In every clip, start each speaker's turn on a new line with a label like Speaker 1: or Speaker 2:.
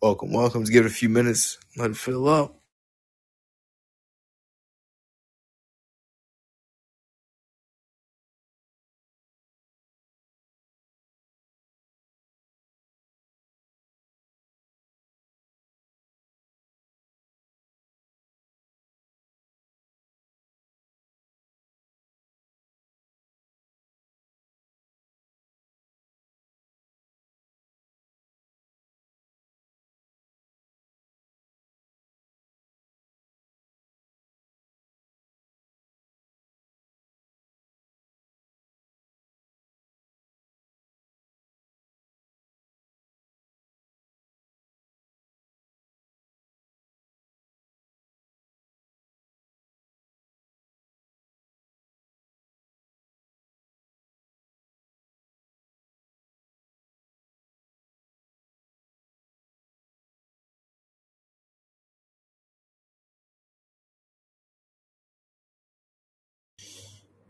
Speaker 1: Welcome, welcome. Just give it a few minutes. Let it fill up.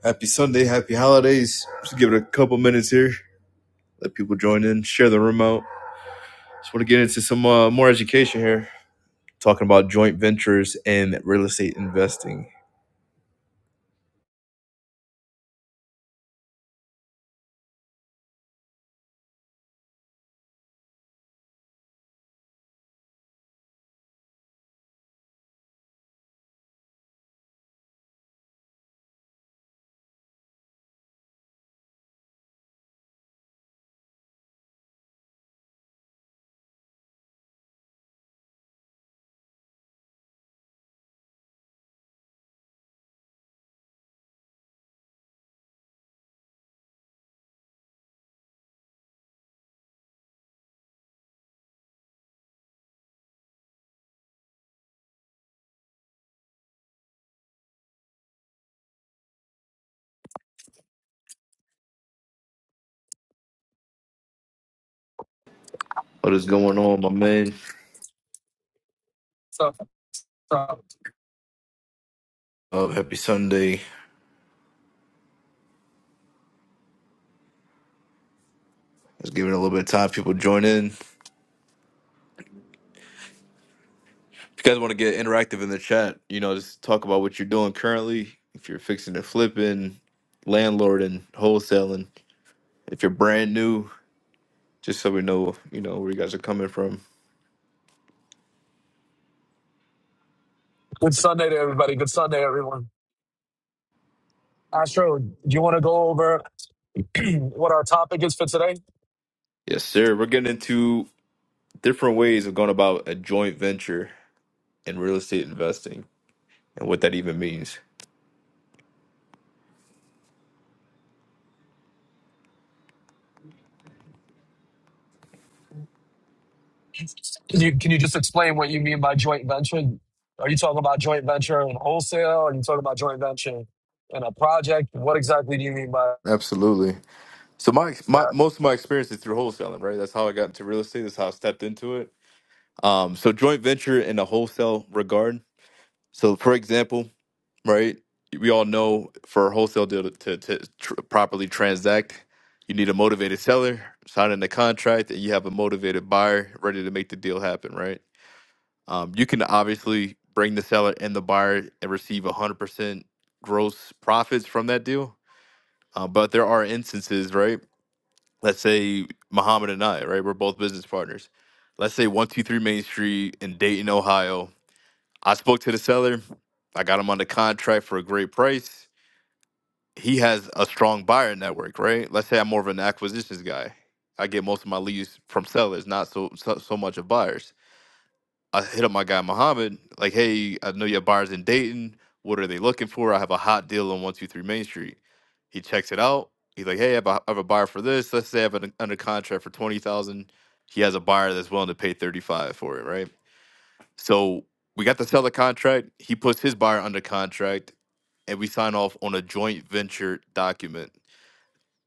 Speaker 1: Happy Sunday, happy holidays. Just give it a couple minutes here. Let people join in, share the room out. Just want to get into some uh, more education here. Talking about joint ventures and real estate investing. What is going on, my man?
Speaker 2: So, so
Speaker 1: Uh, happy Sunday. Let's give it a little bit of time. People join in. If you guys want to get interactive in the chat, you know, just talk about what you're doing currently. If you're fixing to flipping, landlord and wholesaling. If you're brand new, just so we know, you know, where you guys are coming from.
Speaker 2: good Sunday to everybody. Good Sunday, everyone. Astro, do you want to go over what our topic is for today?
Speaker 1: Yes, sir. We're getting into different ways of going about a joint venture in real estate investing and what that even means.
Speaker 2: Can you can you just explain what you mean by joint venture? Are you talking about joint venture in wholesale? Are you talking about joint venture in a project? What exactly do you mean by
Speaker 1: Absolutely. So my my
Speaker 2: that?
Speaker 1: most of my experience is through wholesaling, right? That's how I got into real estate. That's how I stepped into it. Um, so joint venture in a wholesale regard. So for example, right? We all know for a wholesale deal to, to, to tr- properly transact, you need a motivated seller signing the contract, and you have a motivated buyer ready to make the deal happen, right? Um, you can obviously bring the seller and the buyer and receive 100% gross profits from that deal. Uh, but there are instances, right? Let's say Muhammad and I, right? We're both business partners. Let's say 123 Main Street in Dayton, Ohio. I spoke to the seller. I got him on the contract for a great price he has a strong buyer network, right? Let's say I'm more of an acquisitions guy. I get most of my leads from sellers, not so so, so much of buyers. I hit up my guy Muhammad, like, hey, I know you have buyers in Dayton. What are they looking for? I have a hot deal on 123 Main Street. He checks it out. He's like, hey, I have a, I have a buyer for this. Let's say I have an under contract for 20000 He has a buyer that's willing to pay 35 for it, right? So we got the seller contract. He puts his buyer under contract, and we sign off on a joint venture document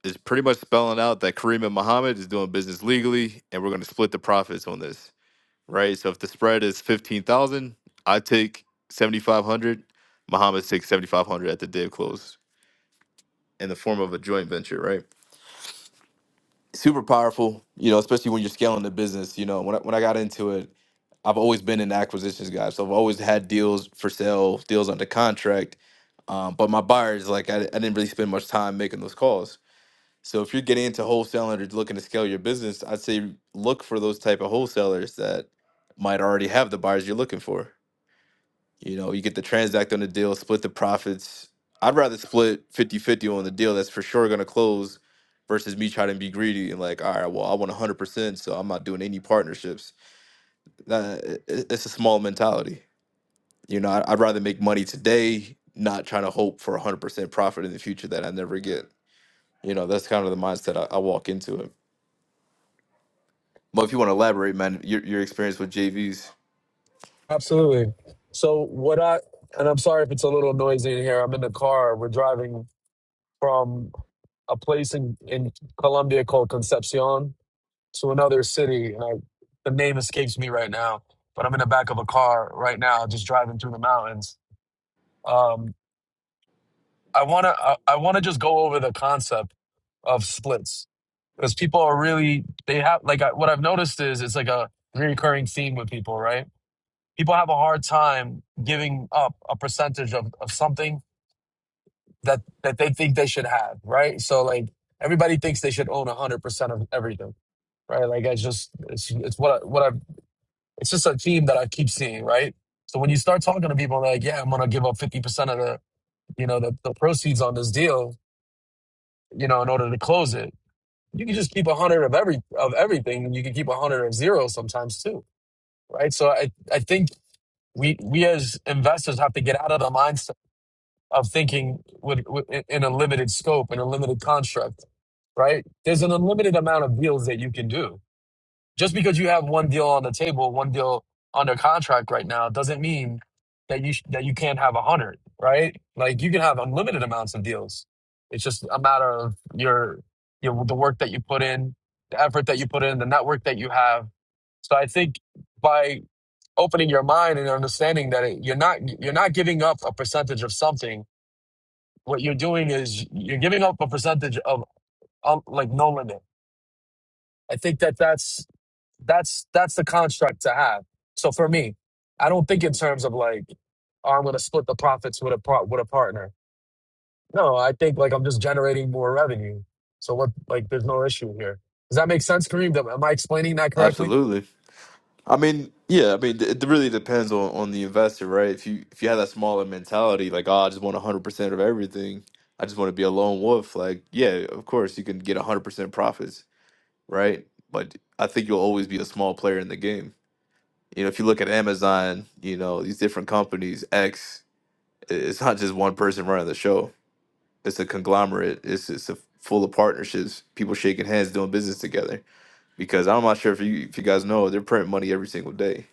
Speaker 1: is pretty much spelling out that Kareem and Muhammad is doing business legally, and we're going to split the profits on this, right? So if the spread is fifteen thousand, I take seventy five hundred. Muhammad takes seventy five hundred at the day of close in the form of a joint venture, right? Super powerful, you know, especially when you're scaling the business. You know, when I, when I got into it, I've always been an acquisitions guy, so I've always had deals for sale, deals under contract. Um, but my buyers, like, I, I didn't really spend much time making those calls. So if you're getting into wholesaling or looking to scale your business, I'd say look for those type of wholesalers that might already have the buyers you're looking for. You know, you get to transact on the deal, split the profits. I'd rather split fifty-fifty on the deal that's for sure going to close versus me trying to be greedy and like, all right, well, I want 100%, so I'm not doing any partnerships. That, i- i- it's a small mentality. You know, I- I'd rather make money today, not trying to hope for 100% profit in the future that I never get. You know, that's kind of the mindset I, I walk into it. Well, if you want to elaborate, man, your your experience with JVs,
Speaker 2: Absolutely. So what I and I'm sorry if it's a little noisy in here. I'm in the car. We're driving from a place in in Colombia called Concepcion, to another city, and I, the name escapes me right now. But I'm in the back of a car right now, just driving through the mountains. Um, I wanna, I, I wanna just go over the concept of splits because people are really they have like I, what I've noticed is it's like a recurring theme with people, right? People have a hard time giving up a percentage of, of something that that they think they should have, right? So like everybody thinks they should own 100% of everything, right? Like I just it's it's what I, what I've It's just a theme that I keep seeing, right? So when you start talking to people like, yeah, I'm gonna give up 50% of the, you know, the, the proceeds on this deal, you know, in order to close it, you can just keep a hundred of every of everything, and you can keep a hundred of zero sometimes too, right? So I I think we we as investors have to get out of the mindset of thinking with, with in a limited scope in a limited construct right? There's an unlimited amount of deals that you can do Just because you have one deal on the table, one deal under contract right now, doesn't mean that you sh- that you can't have a hundred, right? Like you can have unlimited amounts of deals. It's just a matter of your your the work that you put in, the effort that you put in, the network that you have. So I think by opening your mind and understanding that it, you're not you're not giving up a percentage of something. What you're doing is you're giving up a percentage of um, like no limit. I think that that's That's that's the construct to have. So for me, I don't think in terms of like, oh, I'm gonna split the profits with a part with a partner. No, I think like I'm just generating more revenue. So what like there's no issue here. Does that make sense, Kareem? Am I explaining that correctly?
Speaker 1: absolutely. I mean, yeah, I mean, it really depends on on the investor, right? If you if you have that smaller mentality, like, oh, I just want one hundred percent of everything, I just want to be a lone wolf, like, yeah, of course you can get one hundred percent profits, right? But I think you'll always be a small player in the game. You know, if you look at Amazon, you know these different companies, X, i- it's not just one person running the show. It's a conglomerate. It's it's a full of partnerships, people shaking hands, doing business together because I'm not sure if you if you guys know they're printing money every single day,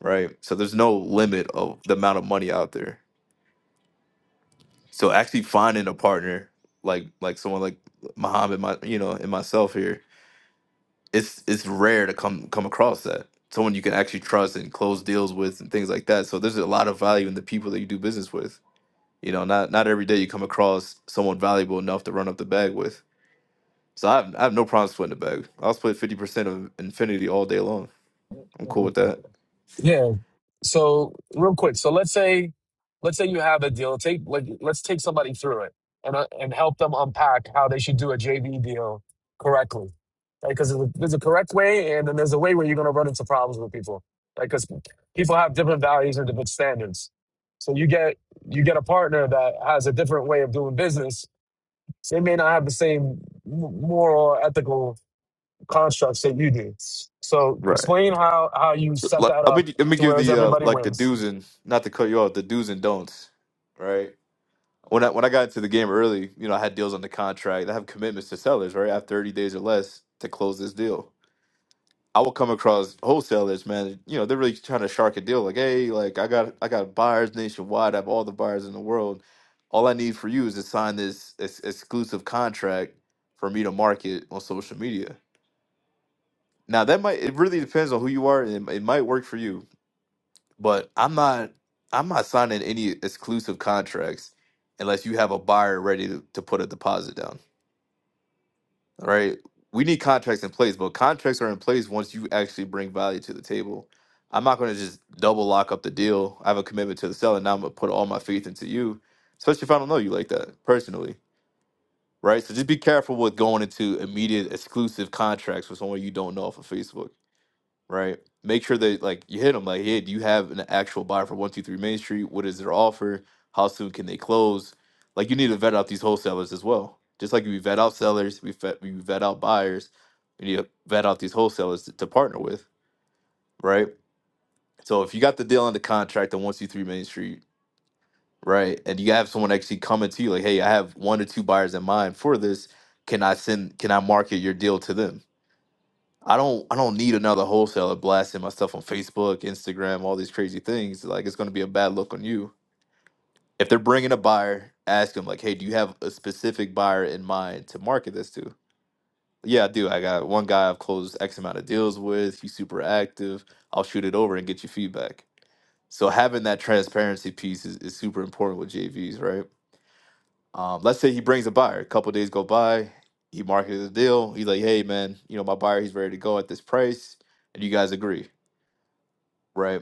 Speaker 1: right? So there's no limit of the amount of money out there. So actually finding a partner like like someone like Muhammad, my you know, and myself here, it's it's rare to come come across that someone you can actually trust and close deals with and things like that. So there's a lot of value in the people that you do business with. You know, not not every day you come across someone valuable enough to run up the bag with. So I have, I have no problem splitting the bag. I'll split fifty percent of Infinity all day long. I'm cool with that.
Speaker 2: Yeah, So real quick, so let's say let's say you have a deal. Take like let's take somebody through it and uh, and help them unpack how they should do a JV deal correctly. Right? Because there's a there's a correct way, and then there's a way where you're going to run into problems with people. Like because people have different values and different standards. So you get you get a partner that has a different way of doing business. So they may not have the same m- moral or ethical constructs that you do. So
Speaker 1: Right.
Speaker 2: explain how how you set
Speaker 1: Let
Speaker 2: that
Speaker 1: let
Speaker 2: up
Speaker 1: me let me
Speaker 2: to
Speaker 1: give
Speaker 2: where
Speaker 1: the uh,
Speaker 2: everybody
Speaker 1: like the
Speaker 2: wins
Speaker 1: do's and not to cut you off the do's and don'ts, right? When I when I got into the game early, you know, I had deals on the contract. I have commitments to sellers, right? I have thirty days or less to close this deal. I will come across wholesalers, man. You know, they're really trying to shark a deal. Like, hey, like I got I got buyers nationwide. I have all the buyers in the world. All I need for you is to sign this ex- exclusive contract for me to market on social media. Now that might it really depends on who you are. and it it might work for you But I'm not I'm not signing any exclusive contracts unless you have a buyer ready to, to put a deposit down. All right. We need contracts in place, but contracts are in place once you actually bring value to the table. I'm not going to just double lock up the deal. I have a commitment to the seller. Now I'm going to put all my faith into you, especially if I don't know you like that personally. Right. So just be careful with going into immediate exclusive contracts with someone you don't know off of Facebook right? Make sure that like you hit them like, hey, do you have an actual buyer for one two three Main Street? What is their offer? How soon can they close? Like you need to vet out these wholesalers as well. Just like we vet out sellers, we vet, we vet out buyers, we need to vet out these wholesalers to, to partner with, right? So if you got the deal on the contract on one two three Main Street, right, and you have someone actually coming to you like, hey, I have one or two buyers in mind for this. Can I send? Can I market your deal to them? I don't I don't need another wholesaler blasting my stuff on Facebook, Instagram, all these crazy things. Like it's going to be a bad look on you. If they're bringing a buyer, ask them like, "Hey, do you have a specific buyer in mind to market this to?" Yeah, I do. I got one guy I've closed X amount of deals with. He's super active. I'll shoot it over and get you feedback. So having that transparency piece is, is super important with JVs, right? Um, let's say he brings a buyer. A couple days go by. He marketed the deal. He's like, "Hey, man, you know my buyer. He's ready to go at this price." and you guys agree. right?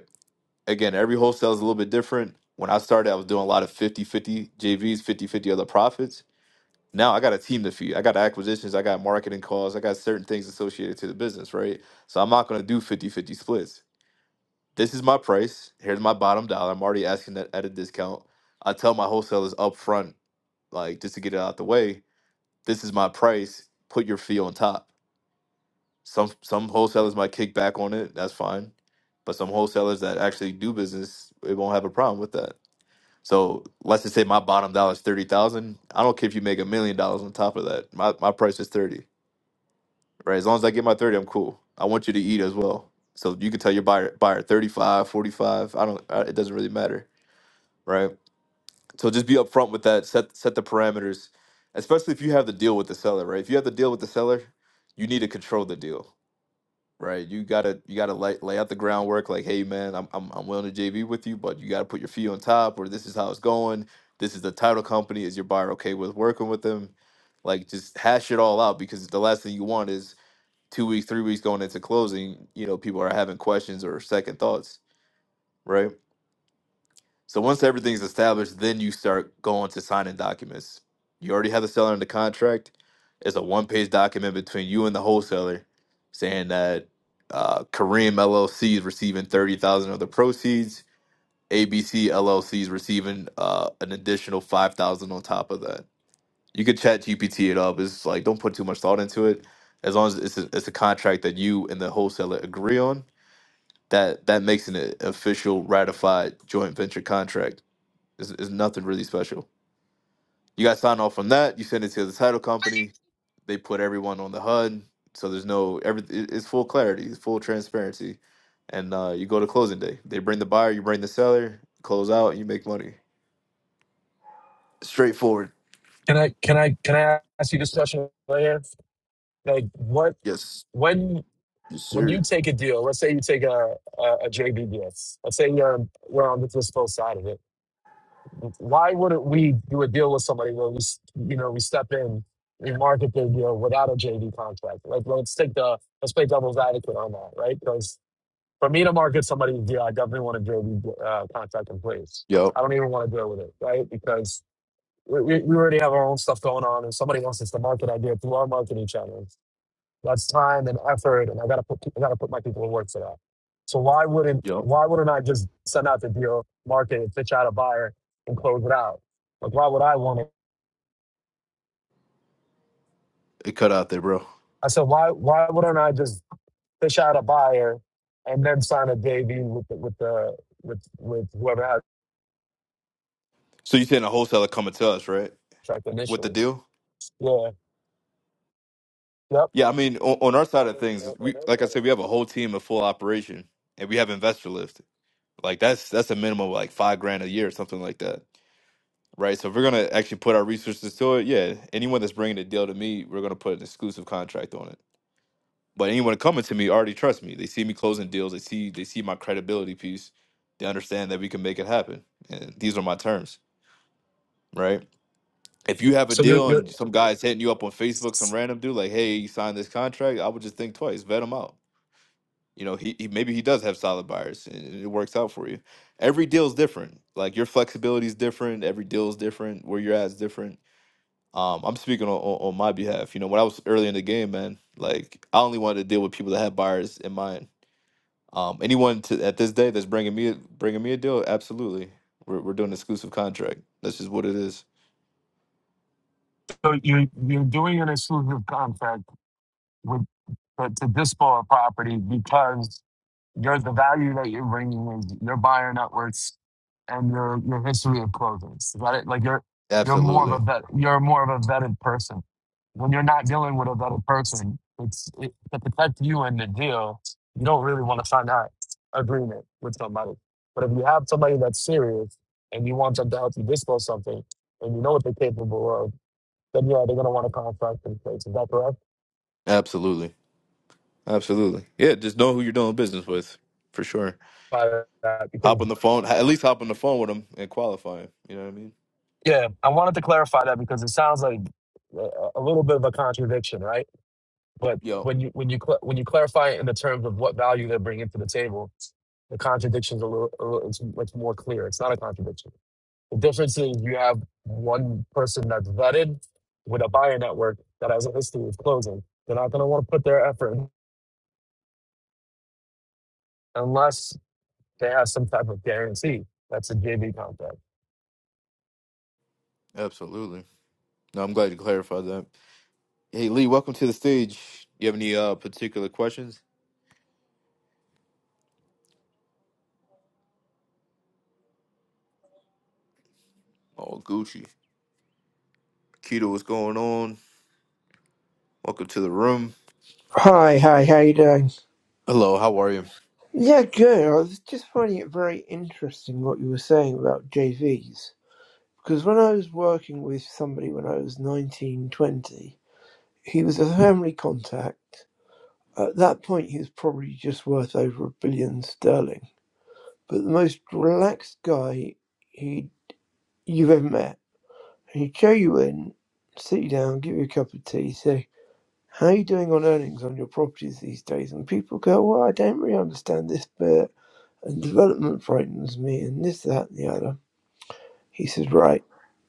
Speaker 1: Again, every wholesale is a little bit different. When I started, I was doing a lot of fifty-fifty 50 JVs, fifty-fifty other profits. Now I got a team to feed. I got acquisitions, I got marketing calls, I got certain things associated to the business, right? So I'm not going to do fifty-fifty splits. This is my price. Here's my bottom dollar. I'm already asking that at a discount. I tell my wholesalers up front, like just to get it out the way, this is my price. Put your fee on top Some some wholesalers might kick back on it. That's fine. But some wholesalers that actually do business, it won't have a problem with that. So let's just say my bottom dollar is thirty thousand. I don't care if you make a million dollars on top of that. My my price is thirty. Right. As long as I get my thirty, I'm cool. I want you to eat as well. So you can tell your buyer buyer 35, forty-five. I don't. uh, It doesn't really matter. Right. So just be upfront with that. Set set the parameters, especially if you have the deal with the seller. Right. If you have the deal with the seller, you need to control the deal Right. You gotta you gotta lay, lay out the groundwork like, hey man, I'm I'm I'm willing to JV with you, but you gotta put your fee on top or this is how it's going. This is the title company. Is your buyer okay with working with them? Like just hash it all out because the last thing you want is two weeks, three weeks going into closing, you know, people are having questions or second thoughts, right? So once everything's established, then you start going to signing documents. You already have the seller under contract. It's a one-page document between you and the wholesaler saying that uh, Kareem LLC is receiving thirty thousand of the proceeds. ABC LLC is receiving uh, an additional five thousand on top of that. You could chat GPT it up. It's like don't put too much thought into it. As long as it's a, it's a contract that you and the wholesaler agree on, that that makes an official ratified joint venture contract it's, it's nothing really special. You guys sign off on that. You send it to the title company. They put everyone on the HUD, so there's no every. It's full clarity. It's full transparency, and uh, you go to closing day. They bring the buyer. You bring the seller. Close out. and You make money. Straightforward.
Speaker 2: Can I can I can I ask you this question right here? Like what
Speaker 1: Yes.
Speaker 2: when
Speaker 1: Yes,
Speaker 2: when you
Speaker 1: sir.
Speaker 2: take a deal, let's say you take a a, a J B S, Let's say you're we're on the fiscal side of it. Why wouldn't we do a deal with somebody where we s- you know we step in, we market their deal without a JV contract? Like let's take the let's play devil's advocate on that, right? Because for me to market somebody's deal, I definitely want a JV uh, contract in place.
Speaker 1: Yup.
Speaker 2: I don't even want to deal with it, right? Because we, we we already have our own stuff going on, and somebody wants us to market idea through our marketing channels. That's time and effort, and I gotta put I gotta put my people to work for that. So why wouldn't
Speaker 1: Yup.
Speaker 2: why wouldn't I just send out the deal, market it, pitch out a buyer, and close it out? Like why would I want it?
Speaker 1: It cut out there, bro.
Speaker 2: I said why why wouldn't I just pitch out a buyer and then sign a JV with the, with the with with whoever has
Speaker 1: So you saying a wholesaler coming to us, right?
Speaker 2: the contract
Speaker 1: With the
Speaker 2: initially?
Speaker 1: deal?
Speaker 2: Yeah. Yep.
Speaker 1: Yeah, I mean, on, on our side of things, we like I said, we have a whole team of full operation, and we have investor lift. Like that's that's a minimum of like five grand a year or something like that, right? So if we're gonna actually put our resources to it, yeah, anyone that's bringing a deal to me, we're gonna put an exclusive contract on it. But anyone coming to me already trusts me. They see me closing deals. They see they see my credibility piece. They understand that we can make it happen, and these are my terms, right? If you have a
Speaker 2: So you're
Speaker 1: deal
Speaker 2: you're
Speaker 1: and some guy's hitting you up on Facebook, some random dude like, "Hey, you signed this contract," I would just think twice, vet him out. You know, he, he maybe he does have solid buyers and it works out for you. Every deal's different. Like your flexibility is different. Every deal is different. Where you're at is different. Um, I'm speaking on, on, on my behalf. You know, when I was early in the game, man, like I only wanted to deal with people that had buyers in mind. Um, anyone to, at this day that's bringing me a- bringing me a deal, absolutely. We're we're doing an exclusive contract. That's just what it is.
Speaker 2: so you're you're doing an exclusive contract to, to dispo a property because you're the value that you're bringing is your buyer networks and your your history of closings. Is that it? Like you're you're more of
Speaker 1: Absolutely,
Speaker 2: a vet. You're more of a vetted person. When you're not dealing with a vetted person, it's it, to protect you in the deal. You don't really want to sign that agreement with somebody. But if you have somebody that's serious and you want them to help you dispose something, and you know what they're capable of, then yeah, they're gonna want to contract in place. Is that correct?
Speaker 1: absolutely, absolutely. Yeah, just know who you're doing business with, for sure.
Speaker 2: By that,
Speaker 1: Hop
Speaker 2: because
Speaker 1: on the phone, at least hop on the phone with him and qualify him. You know what I mean?
Speaker 2: Yeah, I wanted to clarify that because it sounds like a a little bit of a contradiction, right? But
Speaker 1: Yo,
Speaker 2: when you when you cl- when you clarify it in the terms of what value they're bringing to the table, the contradiction's a little, a little it's much more clear. It's not a contradiction. The difference is you have one person that's vetted with a buyer network that has a history of closing. They're not going to want to put their effort in unless they have some type of guarantee. That's a JV contract.
Speaker 1: absolutely. No, I'm glad you clarified that. Hey, Lee, welcome to the stage. You have any uh, particular questions? Oh, Gucci. Keto, what's going on? Welcome to the room.
Speaker 3: Hi, hi, how you doing?
Speaker 1: Hello, how are you?
Speaker 3: Yeah, good. I was just finding it very interesting what you were saying about JVs. Because when I was working with somebody when I was 19, 20, he was a family contact. At that point, he was probably just worth over a billion sterling. But the most relaxed guy he you've ever met. He'd show you in, sit you down, give you a cup of tea, say, how are you doing on earnings on your properties these days? And people go, well, I don't really understand this bit. and development frightens me, and this, that, and the other. He said, right,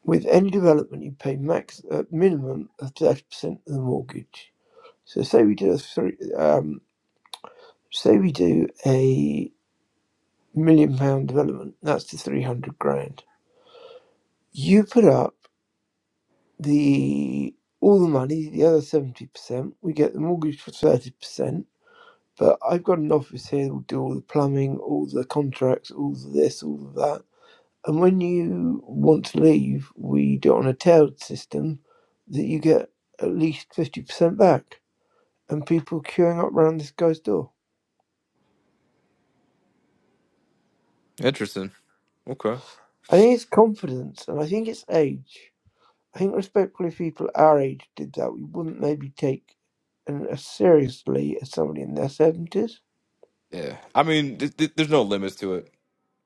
Speaker 3: with any development, you pay max a uh, minimum of thirty percent of the mortgage. So say we do a three, um, say we do a million pound development. That's the three hundred grand. You put up the all the money, the other seventy percent. We get the mortgage for thirty percent. But I've got an office here that will do all the plumbing, all the contracts, all the this, all of that And when you want to leave, we do it on a tiered system that you get at least 50% back. And people queuing up round this guy's door.
Speaker 1: Interesting. Okay.
Speaker 3: I think it's confidence and I think it's age. I think respectfully, if people our age did that, we wouldn't maybe take an, as seriously as somebody in their 70s.
Speaker 1: Yeah. I mean, th- th- there's no limits to it,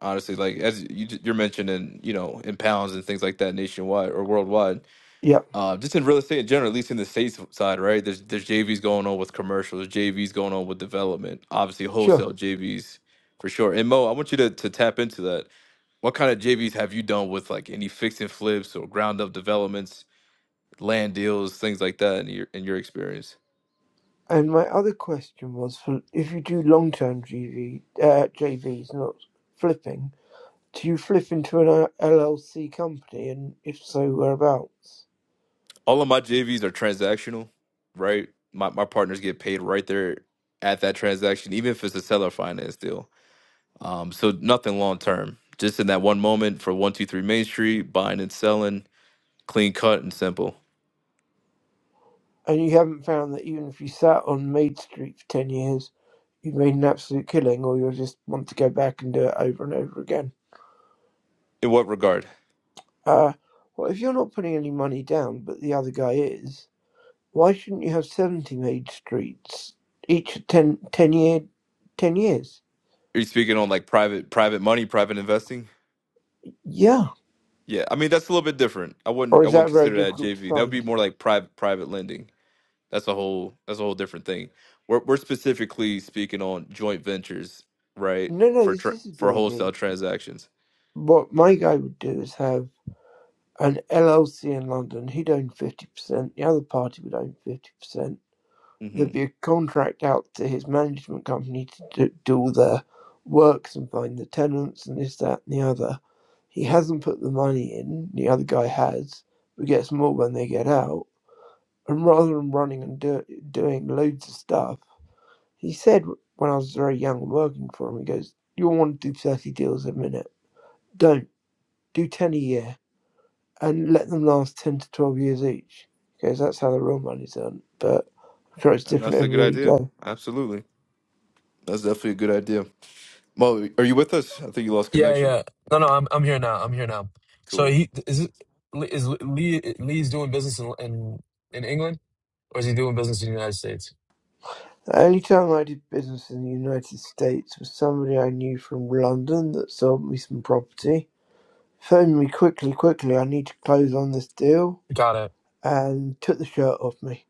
Speaker 1: honestly. Like, as you, you're mentioning, you know, in pounds and things like that nationwide or worldwide.
Speaker 3: Yeah,
Speaker 1: uh, just in real estate in general, at least in the states side, right? There's there's JVs going on with commercials, JVs going on with development, obviously
Speaker 3: sure.
Speaker 1: wholesale JVs for sure. And Mo, I want you to to tap into that. What kind of JVs have you done with like any fix and flips or ground up developments, land deals, things like that in your in your experience?
Speaker 3: And my other question was for if you do long term GV, uh, JVs, not flipping, Do you flip into an LLC company, and if so, whereabouts?
Speaker 1: All of my JVs are transactional, right? My my partners get paid right there at that transaction, even if it's a seller finance deal. Um, so nothing long term. Just in that one moment for one two three Main Street, buying and selling clean cut and simple.
Speaker 3: And you haven't found that even if you sat on Maid Street for 10 years, you've made an absolute killing, or you'll just want to go back and do it over and over again.
Speaker 1: In what regard? Are
Speaker 3: Uh, well, if you're not putting any money down, but the other guy is, why shouldn't you have 70 Maid Streets, each of 10, ten, year, 10 years?
Speaker 1: you speaking on like private private money, private investing?
Speaker 3: Yeah.
Speaker 1: Yeah, I mean that's a little bit different. I
Speaker 3: Or
Speaker 1: wouldn't I
Speaker 3: is
Speaker 1: wouldn't
Speaker 3: that very
Speaker 1: consider that
Speaker 3: difficult to
Speaker 1: JV. That would be
Speaker 3: find?
Speaker 1: more like private private lending. That's a whole that's a whole different thing. We're we're specifically speaking on joint ventures, right?
Speaker 3: No, no,
Speaker 1: For
Speaker 3: this
Speaker 1: tra-
Speaker 3: is a
Speaker 1: for wholesale
Speaker 3: JV.
Speaker 1: transactions.
Speaker 3: What my guy would do is have an LLC in London, he'd own 50%, the other party would own 50%.
Speaker 1: hmm
Speaker 3: There'd be a contract out to his management company to do, do all their works and find the tenants and this, that, and the other. He hasn't put the money in, the other guy has, but gets more when they get out. And rather than running and do, doing loads of stuff, he said when I was very young working for him, he goes, You want to do 30 deals a minute. Don't. Do 10 a year and let them last 10 to 12 years each because that's how the real money's done. But I'm sure it's different
Speaker 1: that's a good
Speaker 3: everywhere you
Speaker 1: idea.
Speaker 3: go.
Speaker 1: Absolutely, that's definitely a good idea. Mo, are you with us? I think you lost
Speaker 2: Yeah,
Speaker 1: connection.
Speaker 2: yeah. No, no, I'm I'm here now. I'm here now. So
Speaker 1: Cool.
Speaker 2: he is it, is Lee Lee's doing business in, in in England or is he doing business in the United States?
Speaker 3: The only time I did business in the United States was somebody I knew from London that sold me some property. Phoned me quickly, quickly, I need to close on this deal,
Speaker 2: Got it.
Speaker 3: and took the shirt off me.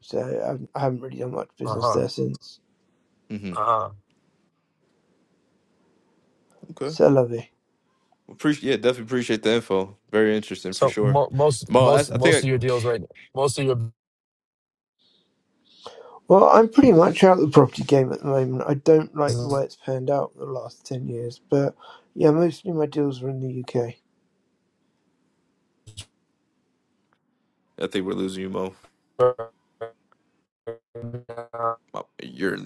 Speaker 3: So I I haven't really done much business
Speaker 2: Uh-huh.
Speaker 3: there since.
Speaker 1: hmm
Speaker 2: Uh-huh.
Speaker 1: Okay.
Speaker 3: So lovely.
Speaker 1: Appreciate, yeah, definitely appreciate the info. Very interesting for
Speaker 2: So
Speaker 1: sure.
Speaker 2: mo most
Speaker 1: Mo, I, I
Speaker 2: most most
Speaker 1: think
Speaker 2: of your deals right most of your
Speaker 3: Well, I'm pretty much out of the property game at the moment. I don't like the way
Speaker 2: business
Speaker 3: it's panned out in the last 10 years, but yeah, mostly my deals are in the UK.
Speaker 1: I, I think we're losing you, Mo.
Speaker 2: are-
Speaker 1: Mo, You're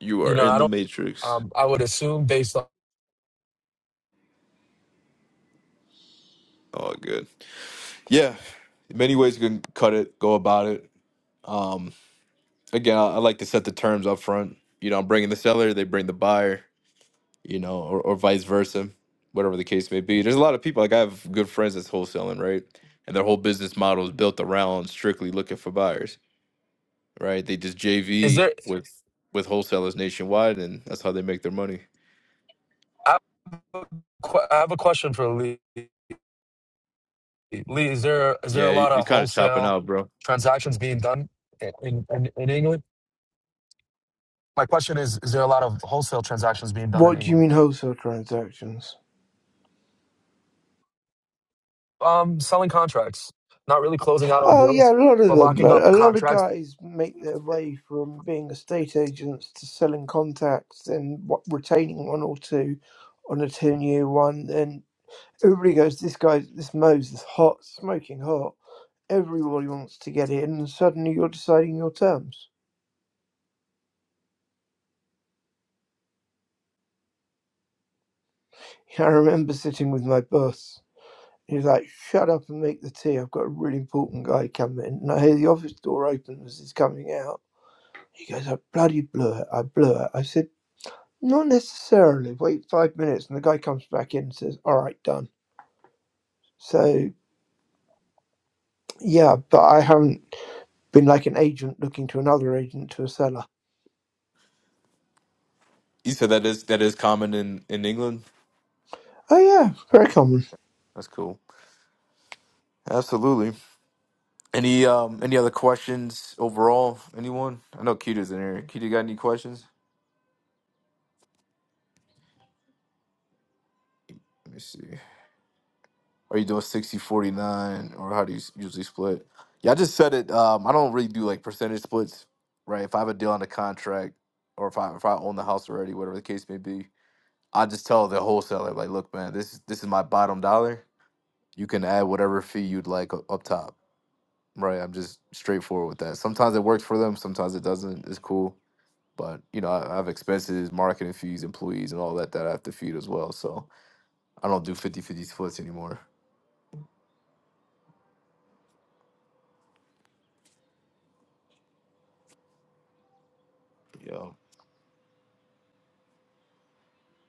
Speaker 1: you
Speaker 2: you
Speaker 1: are
Speaker 2: know,
Speaker 1: in
Speaker 2: I
Speaker 1: the
Speaker 2: don't
Speaker 1: matrix.
Speaker 2: um I would assume based on
Speaker 1: Oh, good. Yeah, many ways you can cut it, go about it. Um, again, I, I like to set the terms up front. You know, I'm bringing the seller, they bring the buyer. You know, or, or vice versa, whatever the case may be. There's a lot of people. Like I have good friends that's wholesaling, right? And their whole business model is built around strictly looking for buyers right? They just
Speaker 2: is there
Speaker 1: JV with with wholesalers nationwide, and that's how they make their money.
Speaker 2: I have a, que- I have a question for Lee. Lee, is there is there a
Speaker 1: Yeah, you,
Speaker 2: lot
Speaker 1: you're
Speaker 2: of
Speaker 1: kind of chopping
Speaker 2: wholesale
Speaker 1: out, bro.
Speaker 2: transactions being done in in, in England? My question is: Is there a lot of wholesale transactions being done in
Speaker 3: What do you
Speaker 2: England?
Speaker 3: mean wholesale transactions?
Speaker 2: Um, selling contracts, not really closing out on
Speaker 3: Oh yeah, a
Speaker 2: deals,
Speaker 3: lot of
Speaker 2: but
Speaker 3: them.
Speaker 2: locking up
Speaker 3: A, a lot of
Speaker 2: contracts.
Speaker 3: guys make their way from being estate agents to selling contacts and w- retaining one or two on a ten-year one. And everybody goes, "This guy, this Mo's is hot, smoking hot." Everybody wants to get in, and suddenly you're deciding your terms. I remember sitting with my boss. He was like, "Shut up and make the tea. I've got a really important guy coming." And I hear the office door open as he's coming out He goes, I bloody blew it. I blew it. I said, not necessarily. Wait five minutes. And the guy comes back in and says, all right, done. So, yeah, but I haven't been like an agent looking to another agent to a seller.
Speaker 1: You said that is that is common in in England.
Speaker 3: Oh, yeah, very common.
Speaker 1: That's cool. Absolutely. Any um any other questions overall? Anyone? I know Keita's in here. Keita, you got any questions? Let me see. Are you doing sixty forty nine, or how do you s- usually split? Yeah, I just said it. Um, I don't really do like percentage splits, right? If I have a deal on a contract or if I if I own the house already, whatever the case may be, I just tell the wholesaler, like, look, man, this this is my bottom dollar. You can add whatever fee you'd like u- up top. Right. I'm just straightforward with that. Sometimes it works for them, sometimes it doesn't. It's cool. But you know, I, I have expenses, marketing fees, employees, and all that that I have to feed as well. So I don't do 5050 splits anymore. Yeah.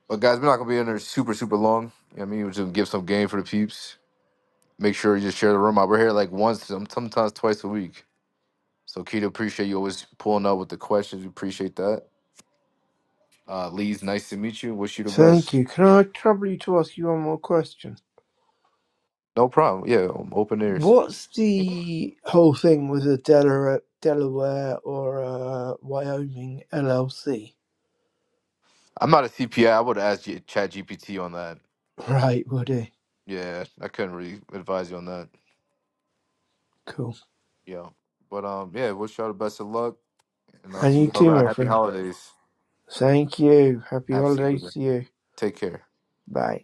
Speaker 1: But guys, we're not gonna be in there super, super long. You know what I mean? We're just gonna give some game for the peeps. Make sure you just share the room out. We're here like once, some- sometimes twice a week. So Keita, appreciate you always pulling up with the questions. We appreciate that. Uh, Lee's nice to meet you. Wish you the
Speaker 3: Thank
Speaker 1: best.
Speaker 3: you. Can I trouble you to ask you one more question?
Speaker 1: No problem. Yeah, um, open ears.
Speaker 3: What's the whole thing with a Delaware, Delaware or a Wyoming LLC?
Speaker 1: I'm not a CPA. I would ask G- Chat GPT on that.
Speaker 3: Right, Woody.
Speaker 1: Yeah, I couldn't really advise you on that.
Speaker 3: Cool.
Speaker 1: Yeah, but um, yeah, wish y'all the best of luck, and I'll
Speaker 3: And
Speaker 1: see
Speaker 3: you
Speaker 1: you
Speaker 3: too,
Speaker 1: around.
Speaker 3: my
Speaker 1: Happy
Speaker 3: friend.
Speaker 1: holidays.
Speaker 3: Thank you. Happy holidays
Speaker 1: Absolutely.
Speaker 3: to you.
Speaker 1: Take care.
Speaker 3: Bye.